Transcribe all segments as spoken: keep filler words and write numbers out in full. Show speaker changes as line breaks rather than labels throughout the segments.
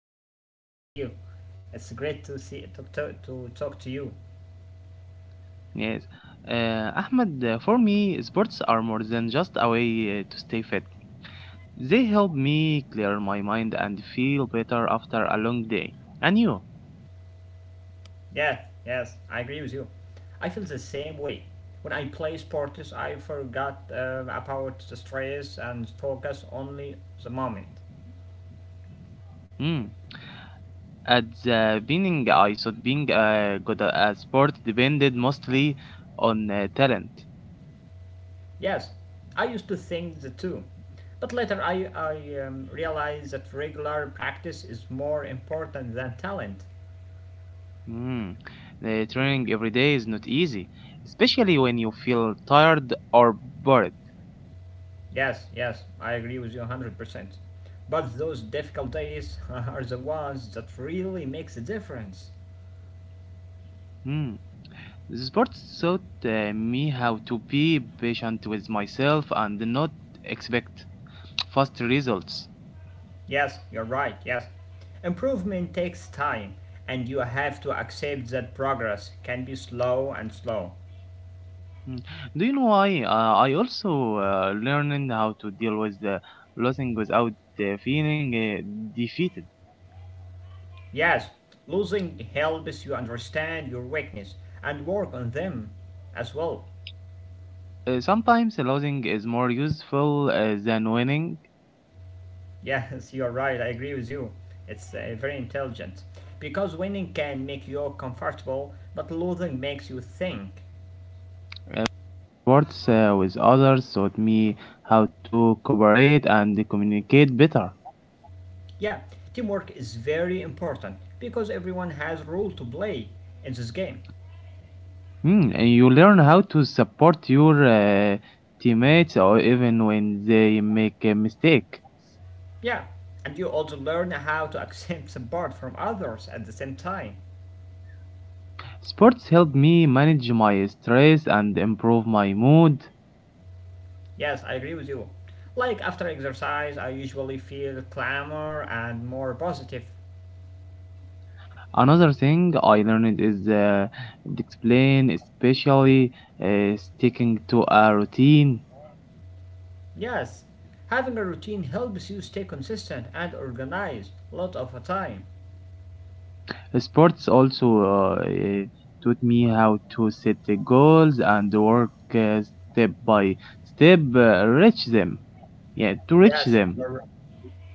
I am fine, thank you. It's great to see to, to, to talk to you.
Yes. Uh, Ahmed, uh, for me, sports are more than just a way uh, to stay fit. They help me clear my mind and feel better after a long day. And you?
Yes, yes, I agree with you. I feel the same way. When I play sports, I forgot um, about the stress and focus only the moment.
Hmm. At the beginning, I thought being uh, good at a sport depended mostly on uh, talent.
Yes, I used to think the two, but later I, I um, realized that regular practice is more important than talent.
Hmm. The training every day is not easy, especially when you feel tired or bored.
Yes, yes, I agree with you one hundred percent. But those difficult days are the ones that really makes a difference.
Hmm. Sports taught uh, me how to be patient with myself and not expect fast results.
Yes, you're right, yes. Improvement takes time, and you have to accept that progress can be slow and slow.
Mm. Do you know why? Uh, I also uh, learned how to deal with uh, losing without uh, feeling uh, defeated.
Yes, losing helps you understand your weakness and work on them as well.
Uh, sometimes losing is more useful uh, than winning.
Yes, you're right, I agree with you. It's uh, very intelligent. Because winning can make you comfortable, but losing makes you think.
Sports uh, with others taught me how to cooperate and communicate better.
Yeah, teamwork is very important because everyone has a role to play in this game.
Mm, and you learn how to support your uh, teammates or even when they make a mistake.
Yeah, and you also learn how to accept support from others at the same time.
Sports helped me manage my stress and improve my mood.
Yes, I agree with you. Like after exercise, I usually feel calmer and more positive.
Another thing I learned is uh, discipline, especially uh, sticking to a routine.
Yes, having a routine helps you stay consistent and organized a lot of the time.
Sports also uh, eh, taught me how to set the goals and work uh, step by step uh, reach them. Yeah, to reach
Yes,
them.
you're,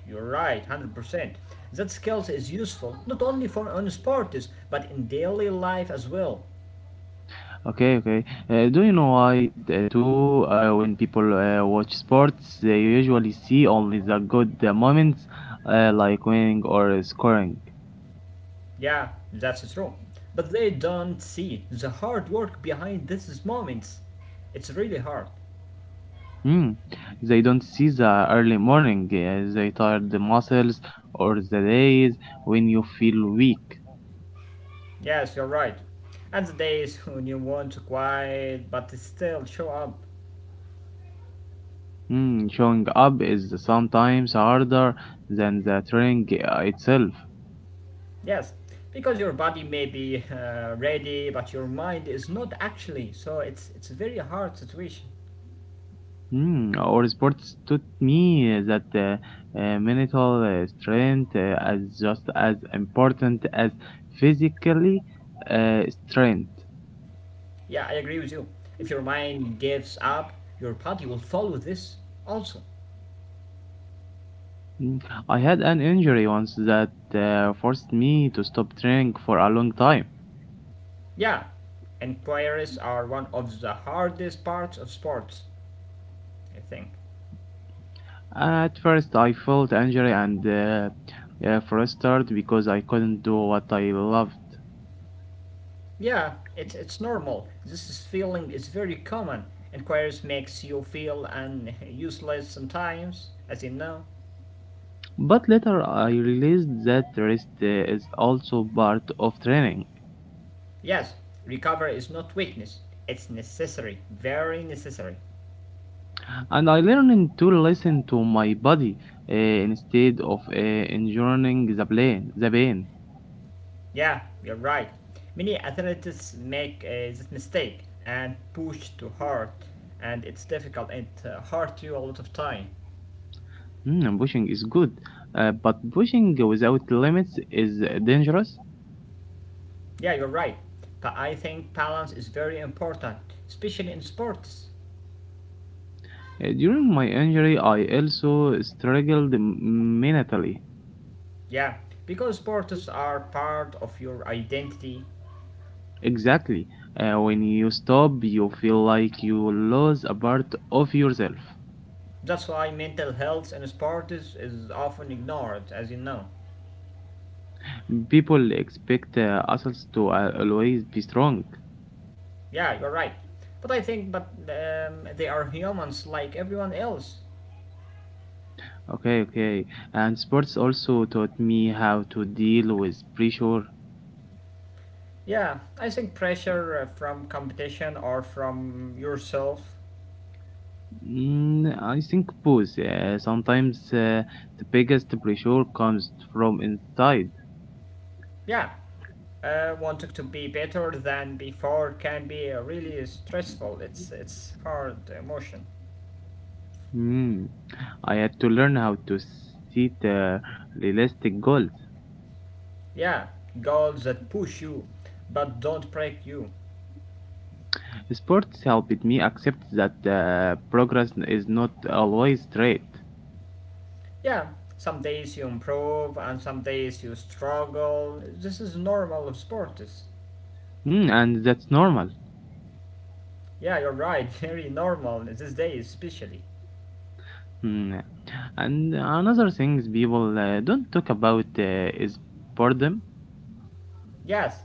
you're right, one hundred percent. That skills is useful not only for on sports but in daily life as well.
Okay, okay. Uh, do you know why uh, too? Uh, when people uh, watch sports, they usually see only the good uh, moments, uh, like winning or scoring.
Yeah, that's true. But they don't see the hard work behind these moments. It's really hard.
Hmm. They don't see the early morning, uh, they tired the muscles, or the days when you feel weak.
Yes, you're right. And the days when you want to quiet but still show up.
Hmm. Showing up is sometimes harder than the training uh, itself.
Yes, because your body may be uh, ready but your mind is not actually. So it's it's a very hard situation.
Mm, Or sports taught me that uh, uh, mental uh, strength uh, is just as important as physically uh, strength.
Yeah, I agree with you. If your mind gives up, your body will follow this also.
Mm, I had an injury once that uh, forced me to stop training for a long time.
Yeah, inquiries are one of the hardest parts of sports, I think.
At first, I felt injury and uh, uh, frustrated because I couldn't do what I loved.
Yeah, it's it's normal. This is feeling is very common. And queries makes you feel and useless sometimes, as you know.
But later, I realized that rest uh, is also part of training.
Yes, recovery is not weakness. It's necessary, very necessary.
And I learned to listen to my body uh, instead of uh, enduring the pain. The pain.
Yeah, you're right. Many athletes make uh, this mistake and push too hard, and it's difficult and uh, hard you a lot of time.
Mm, and pushing is good, uh, but pushing without limits is uh, dangerous.
Yeah, you're right. But I think balance is very important, especially in sports.
Uh, during my injury, I also struggled m- mentally.
Yeah, because sports are part of your identity.
Exactly. Uh, when you stop, you feel like you lose a part of yourself.
That's why mental health in sports is often ignored, as you know.
People expect uh, us to uh, always be strong.
Yeah, you're right. But I think, but um, they are humans like everyone else.
Okay, okay. And sports also taught me how to deal with pressure.
Yeah, I think pressure uh, from competition or from yourself.
Mm, I think both. Uh, sometimes uh, the biggest pressure comes from inside.
Yeah, uh, wanting to be better than before can be uh, really stressful. It's it's hard emotion.
Mm. I had to learn how to set uh, realistic goals.
Yeah, goals that push you, but don't break you.
Sports helped me accept that uh, progress is not always straight,
Yeah, some days you improve and some days you struggle. This is normal of sports.
mm, and that's normal.
Yeah, you're right, very normal these days, especially.
Mm. And another things people uh, don't talk about uh, is boredom.
Yes,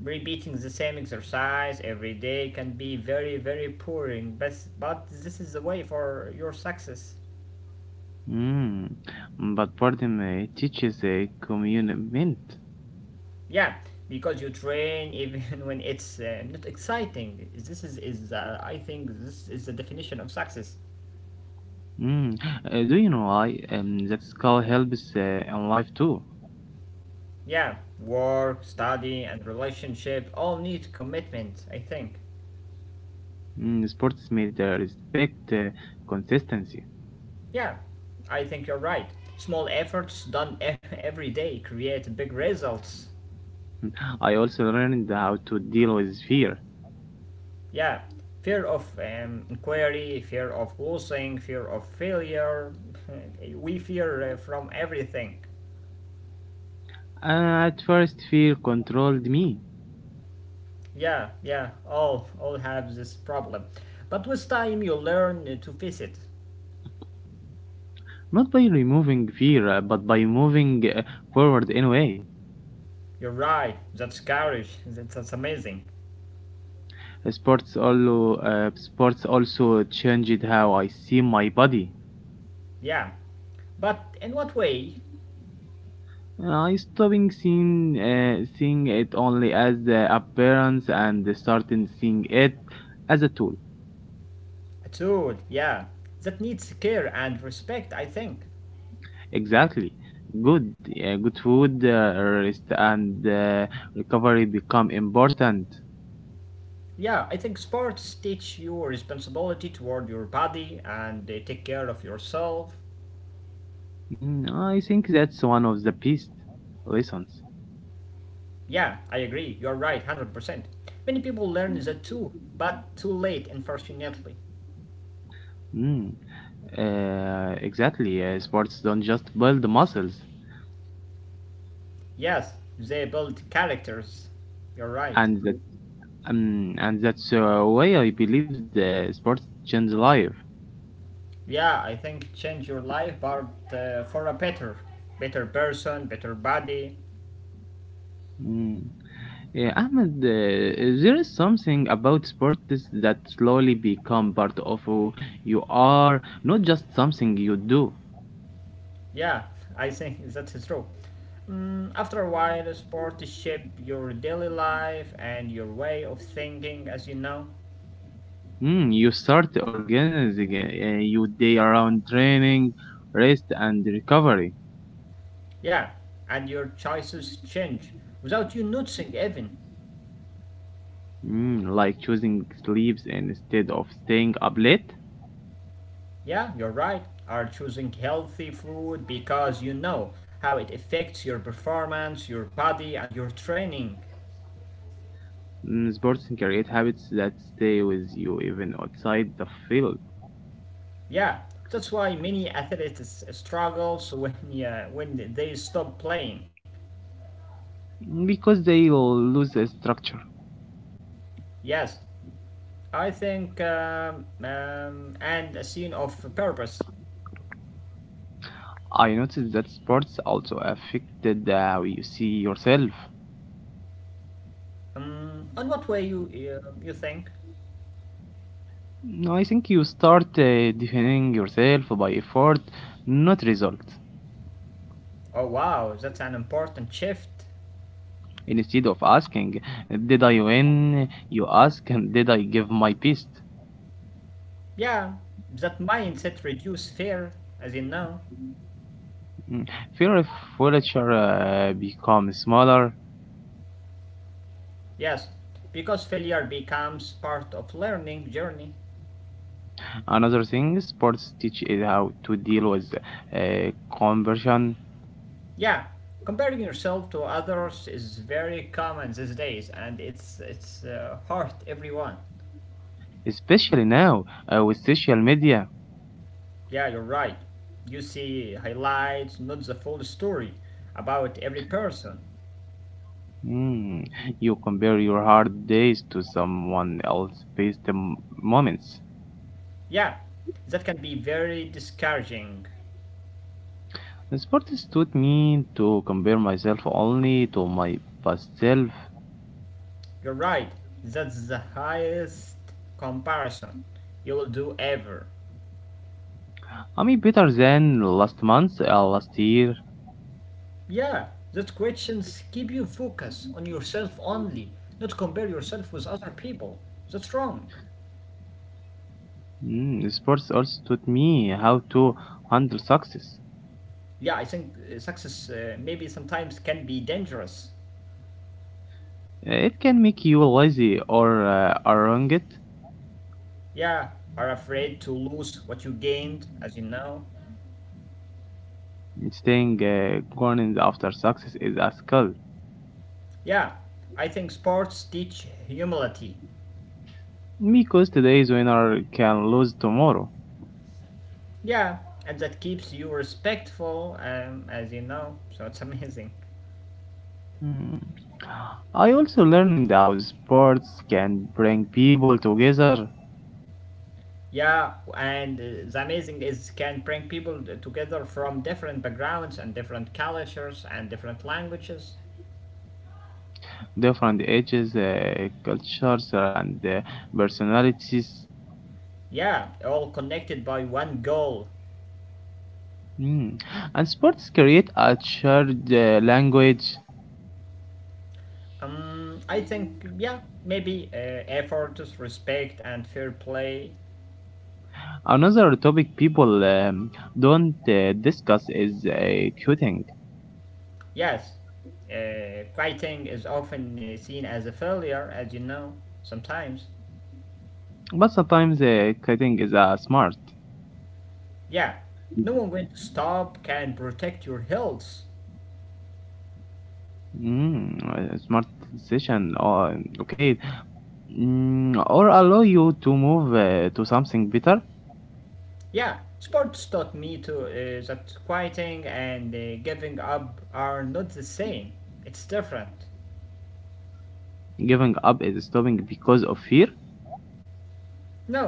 repeating the same exercise every day can be very, very boring, but, but this is the way for your success.
Mm, Mm, but pardon me, it teaches a commitment.
Yeah, because you train even when it's uh, not exciting. This is, is uh, I think, This is the definition of success.
Mm. uh, do you know why? Um, that skill helps uh, in life too.
Yeah, work, study, and relationship all need commitment, I think.
Mm, sports made the respect uh, consistency.
Yeah, I think you're right. Small efforts done e- every day create big results.
I also learned how to deal with fear.
Yeah, fear of um, inquiry, fear of losing, fear of failure. we fear uh, from everything.
Uh, at first, fear controlled me,
Yeah, yeah, all all have this problem. But with time you learn uh, to face it.
not by removing fear, uh, but by moving uh, forward anyway.
You're right. That's courage. That's, that's amazing.
Uh, Sports also, uh, sports also changed how I see my body.
Yeah. But in what way?
I stopping seeing uh, seeing it only as the appearance and starting seeing it as a tool.
A tool, yeah. That needs care and respect, I think.
Exactly. Good, uh, good food, uh, rest, and uh, recovery become important.
Yeah, I think sports teach you responsibility toward your body and they take care of yourself.
Mm, I think that's one of the best lessons.
Yeah, I agree. You're right, one hundred percent. Many people learn that too, but too late, unfortunately.
Mm, uh, exactly. Uh, sports don't just build muscles,
Yes, they build characters. You're right.
and that um, and that's uh, why I believe the sports change life.
Yeah, I think change your life, but uh, for a better, better person, better body.
Mm. Yeah, Ahmed, uh, there is something about sports that slowly become part of who you are, not just something you do.
Yeah, I think that is true. Mm, after a while, sport shape your daily life and your way of thinking, as you know.
Mm, you start organizing uh, your day around training, rest, and recovery.
Yeah, and your choices change without you noticing even.
Mm, like choosing sleeps instead of staying up late.
Yeah, you're right. Are choosing healthy food because you know how it affects your performance, your body, and your training.
Mm, sports create habits that stay with you even outside the field
Yeah, that's why many athletes struggles when yeah, when they stop playing.
because they lose a structure.
Yes, I think um, um, and a scene of purpose.
I noticed that sports also affected uh, how you see yourself.
Um, on what way you you, you think?
No, I think you start uh, defining yourself by effort, not result.
Oh wow, that's an important shift.
Instead of asking, "Did I win?" you ask, "Did I give my best?"
Yeah, that mindset reduce fear, as in now.
Mm, fear of failure uh, becomes smaller.
Yes, because failure becomes part of learning journey.
Another thing sports teach is how to deal with uh, conversion,
Yeah, comparing yourself to others is very common these days, and it's it's uh, hurt everyone.
especially now uh, with social media.
Yeah, you're right. You see highlights, not the full story about every person.
Mm, you compare your hard days to someone else's best m- moments.
Yeah, that can be very discouraging.
Sport has taught me to compare myself only to my past self.
You're right, that's the highest comparison you'll do ever.
I'm better than last month, uh, last year.
Yeah, those questions keep you focused on yourself only, not compare yourself with other people. That's wrong.
Mm, sports also taught me how to handle success.
Yeah, I think uh, success uh, maybe sometimes can be dangerous.
Uh, It can make you lazy or uh, arrogant.
Yeah, are afraid to lose what you gained, as you know.
Staying uh, grounded after success is a skill
Yeah, I think sports teach humility.
because today's winner can lose tomorrow.
Yeah, and that keeps you respectful, um, as you know, so it's amazing.
Hmm. I also learned how sports can bring people together,
Yeah, and uh, the amazing is can bring people t- together from different backgrounds and different cultures and different languages.
different ages, uh, cultures, uh, and uh, personalities.
Yeah, all connected by one goal.
Hmm. And sports create a shared uh, language.
Um, I think yeah, maybe uh, effort, respect, and fair play.
Another topic people um, don't uh, discuss is uh, quitting,
Yes, uh, fighting is often uh, seen as a failure, as you know, sometimes.
but sometimes uh, quitting is a smart,
Yeah, no one going to stop can protect your health.
mm, a smart decision. Or okay, mm, or allow you to move uh, to something better.
Yeah, sports taught me to uh, that quieting and uh, giving up are not the same. It's different.
Giving up is stopping because of fear.
No,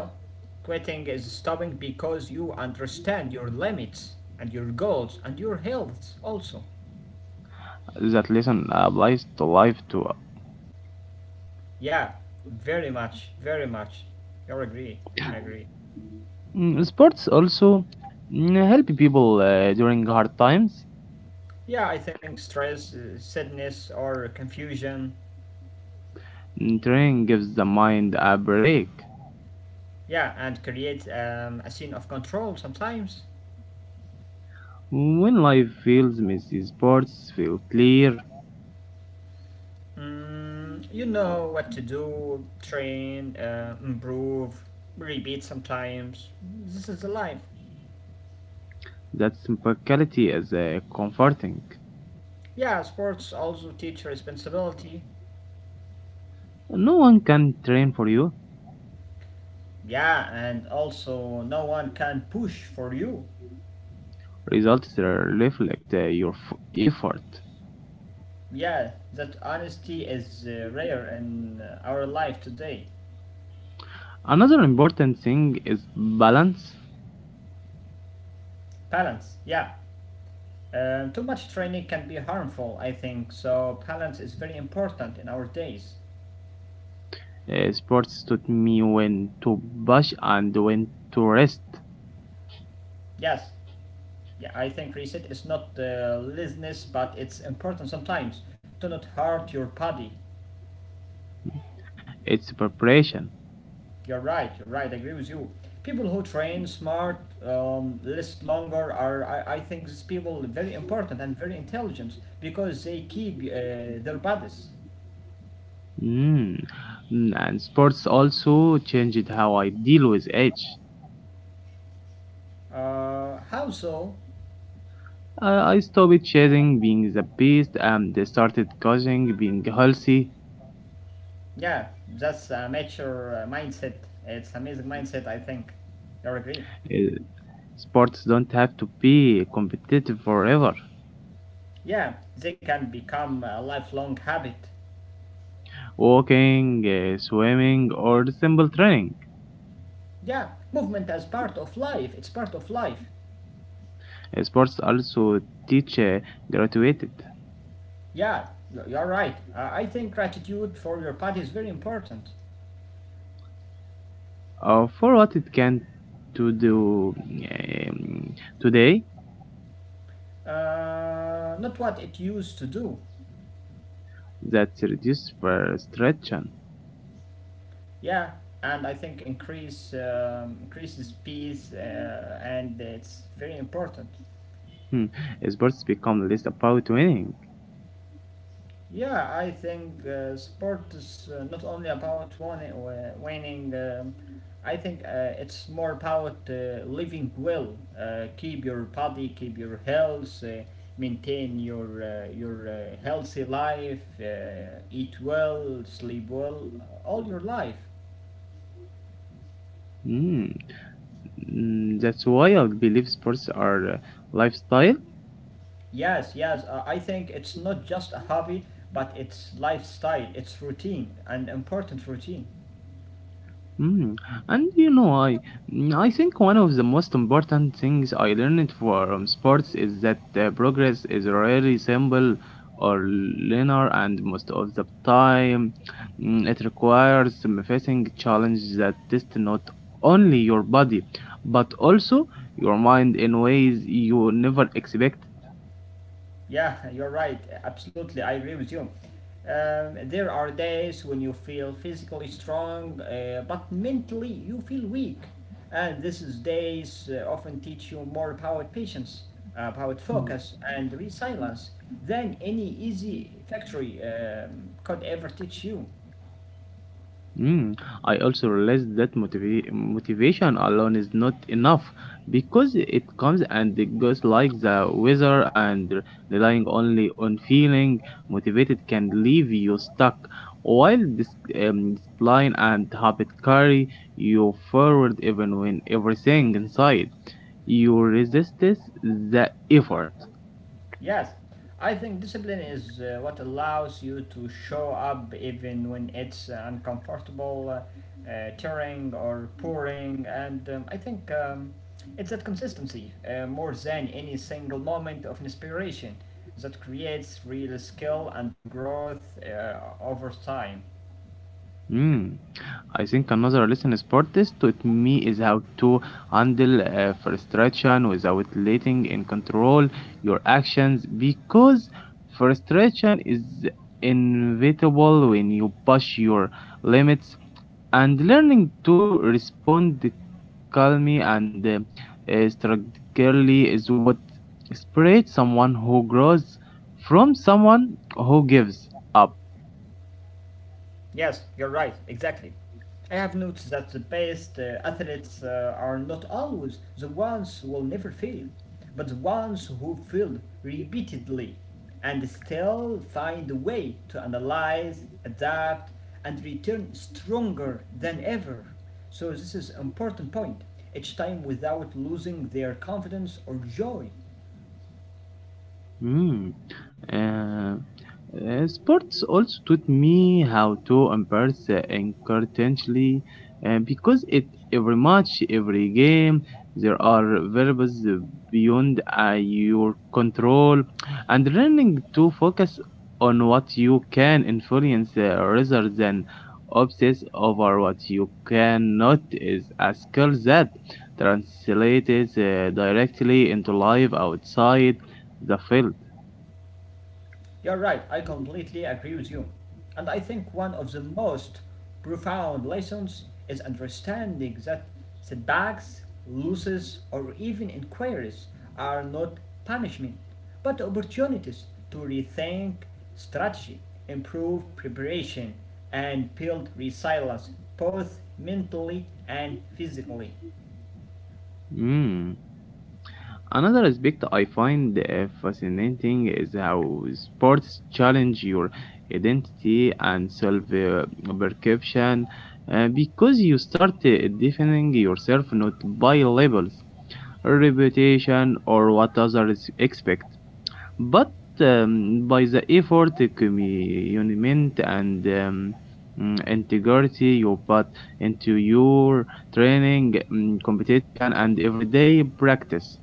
quitting is stopping because you understand your limits and your goals and your health also.
That lesson applies to life too.
Yeah, very much, very much. I agree. I agree.
Mm, Sports also mm, help people uh, during hard times.
Yeah, I think stress, uh, sadness, or confusion.
Mm, training gives the mind a break.
Yeah, and creates um, a scene of control sometimes.
When life feels messy, sports feel clear.
Mm, you know what to do, train, uh, improve, repeat sometimes. This is the life.
That simplicity is uh, comforting.
Yeah, sports also teach responsibility.
No one can train for you.
Yeah, and also no one can push for you.
Results reflect uh, your f- effort.
Yeah, that honesty is uh, rare in uh, our life today.
Another important thing is balance.
Balance, yeah. Um, too much training can be harmful, I think, so balance is very important in our days.
Uh, sports taught me when to push and when to rest.
Yes. Yeah, I think reset is not uh, laziness, but it's important sometimes to not hurt your body.
It's preparation.
You're right, you're right, I agree with you. People who train smart, um, less longer are, I, I think, these people very important and very intelligent because they keep uh, their bodies.
Mm. Mm, and sports also changed how I deal with age.
Uh, how so?
I, I stopped chasing being the best and I started causing being healthy.
Yeah, that's a mature uh, mindset. It's amazing mindset, I think. You agree?
Uh, sports don't have to be competitive forever.
Yeah, they can become a lifelong habit.
Walking, uh, swimming, or simple training.
Yeah, movement as part of life. It's part of life.
Uh, sports also teach uh, graduated.
Yeah, you- are right. Uh, I think gratitude for your body is very important.
uh, for what it can to do um, today
Uh, not what it used to do.
that reduce frustration.
Yeah, and I think increase um, increases peace, uh, and it's very important.
Hmm. Sports become less about winning.
Yeah, I think uh, sport is uh, not only about winning. Uh, winning um, I think uh, it's more about uh, living well. Uh, keep your body, keep your health, uh, maintain your uh, your uh, healthy life, uh, eat well, sleep well, uh, all your life.
Hmm. Mm, that's why I believe sports are uh, lifestyle.
Yes, yes. Uh, I think it's not just a hobby, but it's lifestyle. It's routine, an important routine.
Mm. And you know, I mm, I think one of the most important things I learned from sports is that uh, progress is rarely simple or linear, and most of the time, mm, it requires some facing challenges that test not only your body but also your mind in ways you never expect.
Yeah, you're right. Absolutely, I agree with you. Um, there are days when you feel physically strong, uh, but mentally you feel weak. And this is days uh, often teach you more about patience, about focus and resilience than any easy factory um, could ever teach you.
Mm, I also realized that motiva- motivation alone is not enough because it comes and it goes like the weather, and relying only on feeling motivated can leave you stuck. While this um, discipline and habit carry you forward even when everything inside you resists the effort.
Yes, I think discipline is uh, what allows you to show up even when it's uh, uncomfortable, uh, uh, tearing or pouring, and um, I think um, it's that consistency uh, more than any single moment of inspiration that creates real skill and growth uh, over time.
Mm. I think another lesson sport is taught me is how to handle uh, frustration without letting in control your actions because frustration is inevitable when you push your limits and learning to respond calmly and uh, uh, strategically is what separates someone who grows from someone who gives up.
Yes, you're right, exactly. I have noticed that the best uh, athletes uh, are not always the ones who will never fail, but the ones who fail repeatedly and still find a way to analyze, adapt, and return stronger than ever. So, this is an important point each time without losing their confidence or joy.
Mm. Uh, uh, sports also taught me how to embrace uh, incontinently uh, because it every match, every game, there are variables uh, beyond uh, your control, and learning to focus on what you can influence uh, rather than obsess over what you cannot is a skill that translates uh, directly into life outside the field.
You're right, I completely agree with you. And I think one of the most profound lessons is understanding that setbacks, losses, or even inquiries are not punishment, but opportunities to rethink strategy, improve preparation, and build resilience both mentally and physically.
Mm. Another aspect I find uh, fascinating is how sports challenge your identity and self uh, perception uh, because you start uh, defining yourself not by labels, reputation, or what others expect, but um, by the effort, commitment, and um, mm, integrity you put into your training, mm, competition, and everyday practice.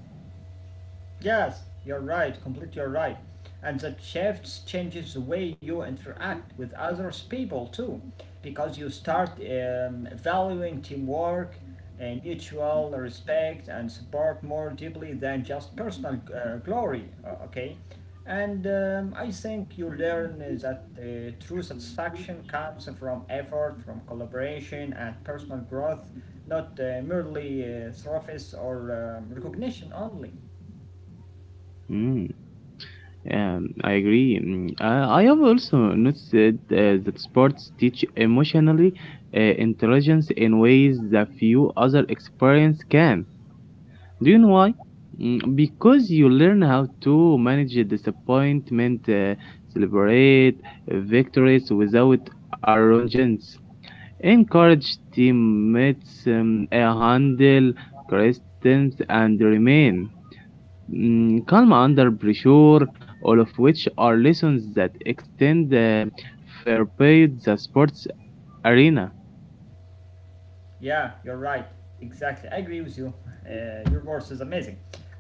Yes, you're right, completely you're right. And that shift changes the way you interact with others people too, because you start um, valuing teamwork, and mutual respect, and support more deeply than just personal uh, glory. Uh, okay, and um, I think you learn uh, that uh, true satisfaction comes from effort, from collaboration, and personal growth, not uh, merely uh, trophies or um, recognition only.
Mm, um, I agree. Mm, I, I have also noticed uh, that sports teach emotionally uh, intelligence in ways that few other experience can. Do you know why? Mm, because you learn how to manage a disappointment, uh, celebrate victories without arrogance, encourage teammates, um, uh, handle criticism, and remain mm, calm under pressure, all of which are lessons that extend uh, fair play the sports arena.
Yeah, you're right. Exactly. I agree with you. Uh, your voice is amazing.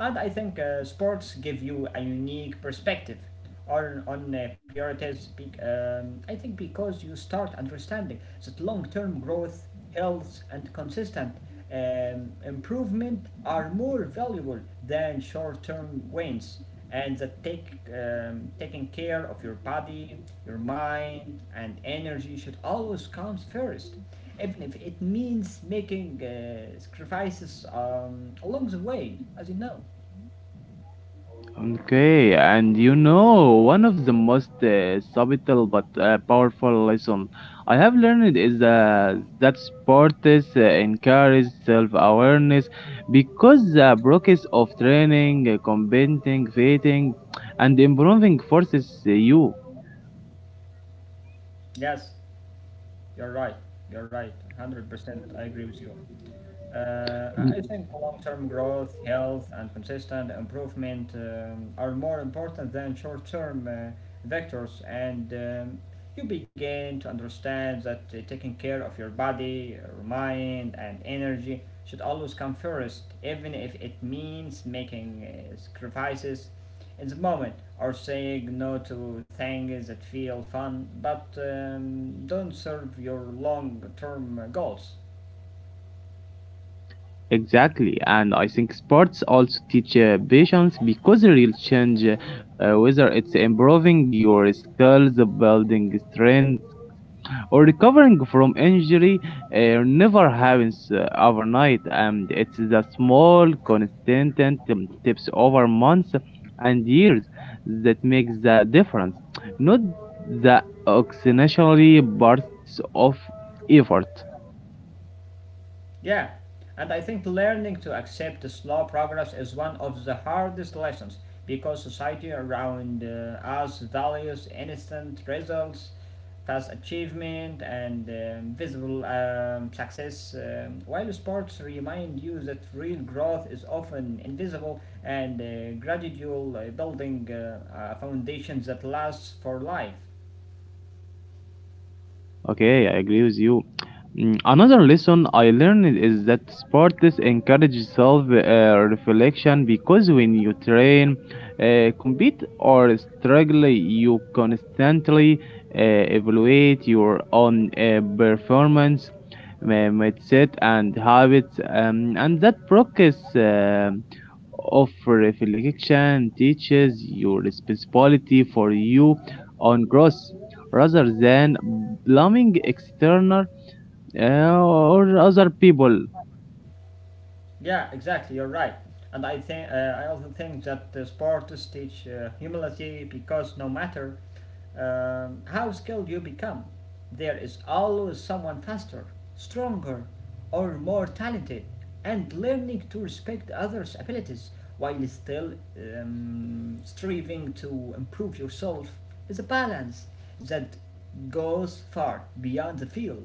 And I think uh, sports give you a unique perspective on, on uh, priorities. bec- um, I think because you start understanding that long term growth, health, and consistent um, improvement are more valuable than short term wins. And that take, um, taking care of your body, your mind, and energy should always come first, even if it means making uh, sacrifices um, along the way, as you know.
Okay, and you know, one of the most uh, subtle but uh, powerful lesson I have learned is uh, that sports uh, encourage self-awareness because the process of training, uh, competing, fighting, and improving forces you.
Yes, you're right. You're right. one hundred percent. I agree with you. Uh, I think long term growth, health, and consistent improvement um, are more important than short term uh, vectors, and um, you begin to understand that uh, taking care of your body, your mind, and energy should always come first, even if it means making uh, sacrifices in the moment or saying no to things that feel fun but um, don't serve your long term goals.
Exactly, and I think sports also teach uh, patience because real change, uh, uh, whether it's improving your skills, building strength, or recovering from injury, uh, never happens uh, overnight. And it's the small, consistent um, steps over months and years that makes the difference, not the occasionally bursts of effort.
Yeah, and I think learning to accept slow progress is one of the hardest lessons because society around uh, us values instant results, fast achievement, and um, visible um, success, um, while sports remind you that real growth is often invisible and uh, gradual, uh, building uh, a foundation that lasts for life.
Okay, I agree with you. Mm, another lesson I learned is that sports encourage self uh, reflection because when you train, uh, compete, or struggle, you constantly uh, evaluate your own uh, performance, uh, mindset, and habits, um, and that progress. um of reflection teaches your responsibility for you on growth rather than blaming external uh, or other people.
Yeah, exactly. You're right. And I think uh, I also think that the sports teach uh, humility because no matter um, how skilled you become, there is always someone faster, stronger, or more talented. And learning to respect others' abilities while still um, striving to improve yourself is a balance that goes far beyond the field.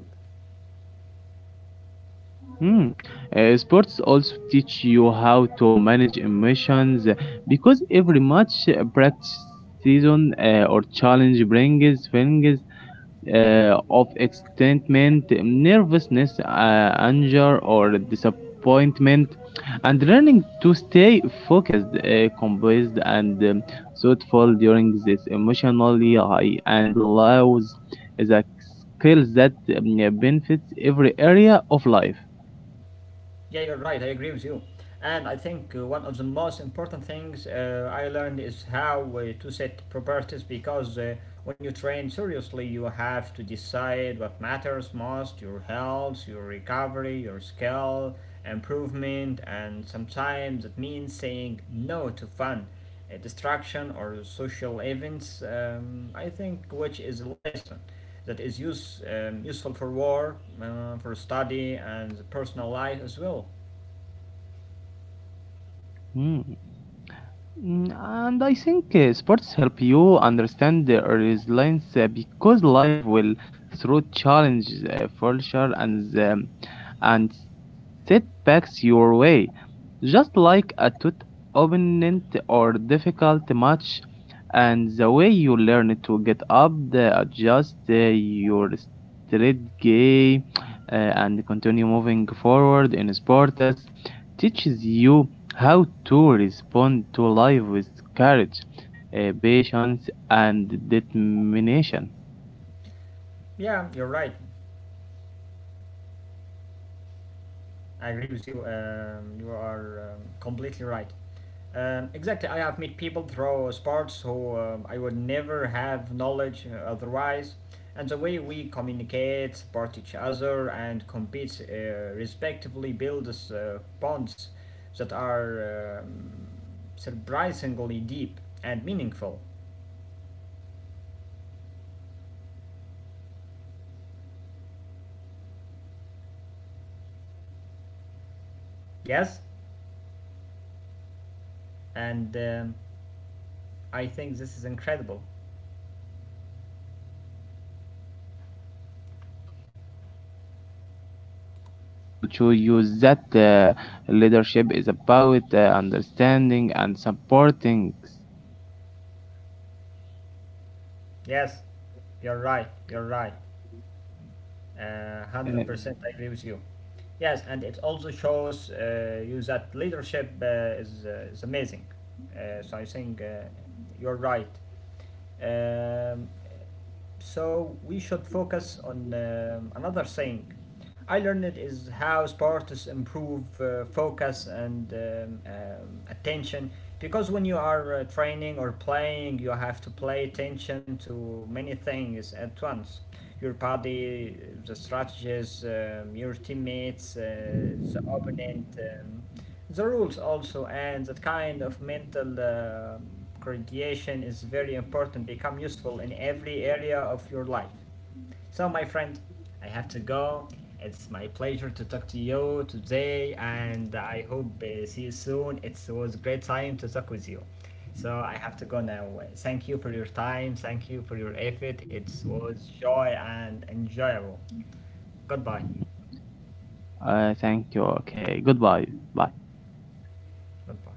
Hmm. Uh, sports also teach you how to manage emotions uh, because every match, uh, practice, season, uh, or challenge brings feelings uh, of excitement, nervousness, uh, anger, or disappointment, and learning to stay focused, uh, composed, and um, thoughtful during this emotionally high and lows is a skill that um, benefits every area of life.
Yeah, you're right. I agree with you. And I think uh, one of the most important things uh, I learned is how uh, to set priorities because uh, when you train seriously, you have to decide what matters most: your health, your recovery, your skill, improvement, and sometimes it means saying no to fun uh, distraction or social events, um, I think, which is a lesson that is use, um, useful for work, uh, for study, and personal life as well.
Mm. Mm, and I think uh, sports help you understand the resilience uh, because life will throw challenges, uh, failure, and um, and setbacks your way, just like a tough opponent or difficult match. And the way you learn to get up, the- adjust uh, your strategy, uh, and continue moving forward in sports teaches you how to respond to life with courage, uh, patience, and determination.
Yeah, you're right. I agree with you. Um, you are um, completely right. Um, exactly, I have met people through sports who um, I would never have knowledge uh, otherwise, and the way we communicate, support each other, and compete uh, respectively builds uh, bonds that are um, surprisingly deep and meaningful. Yes, and um, I think this is incredible.
Also to use that uh, leadership is about uh, understanding and supporting.
Yes, you're right. You're right. Uh,
Uh,
one hundred percent I agree with you. Yes, and it also shows uh, you that leadership uh, is, uh, is amazing. Uh, so I think uh, you're right. Um, so we should focus on um, another thing I learned: it is how sports improve uh, focus and um, um, attention, because when you are uh, training or playing, you have to pay attention to many things at once: your body, the strategies, um, your teammates, uh, the opponent, um, the rules also, and that kind of mental um gradation is very important, become useful in every area of your life. So, my friend, I have to go. It's my pleasure to talk to you today, and I hope uh, see you soon. It was a great time to talk with you. So, I have to go now. Uh, Thank you for your time. Thank you for your effort. It was joy and enjoyable. Goodbye.
uh, thank you. Okay. Goodbye. Bye.
Goodbye.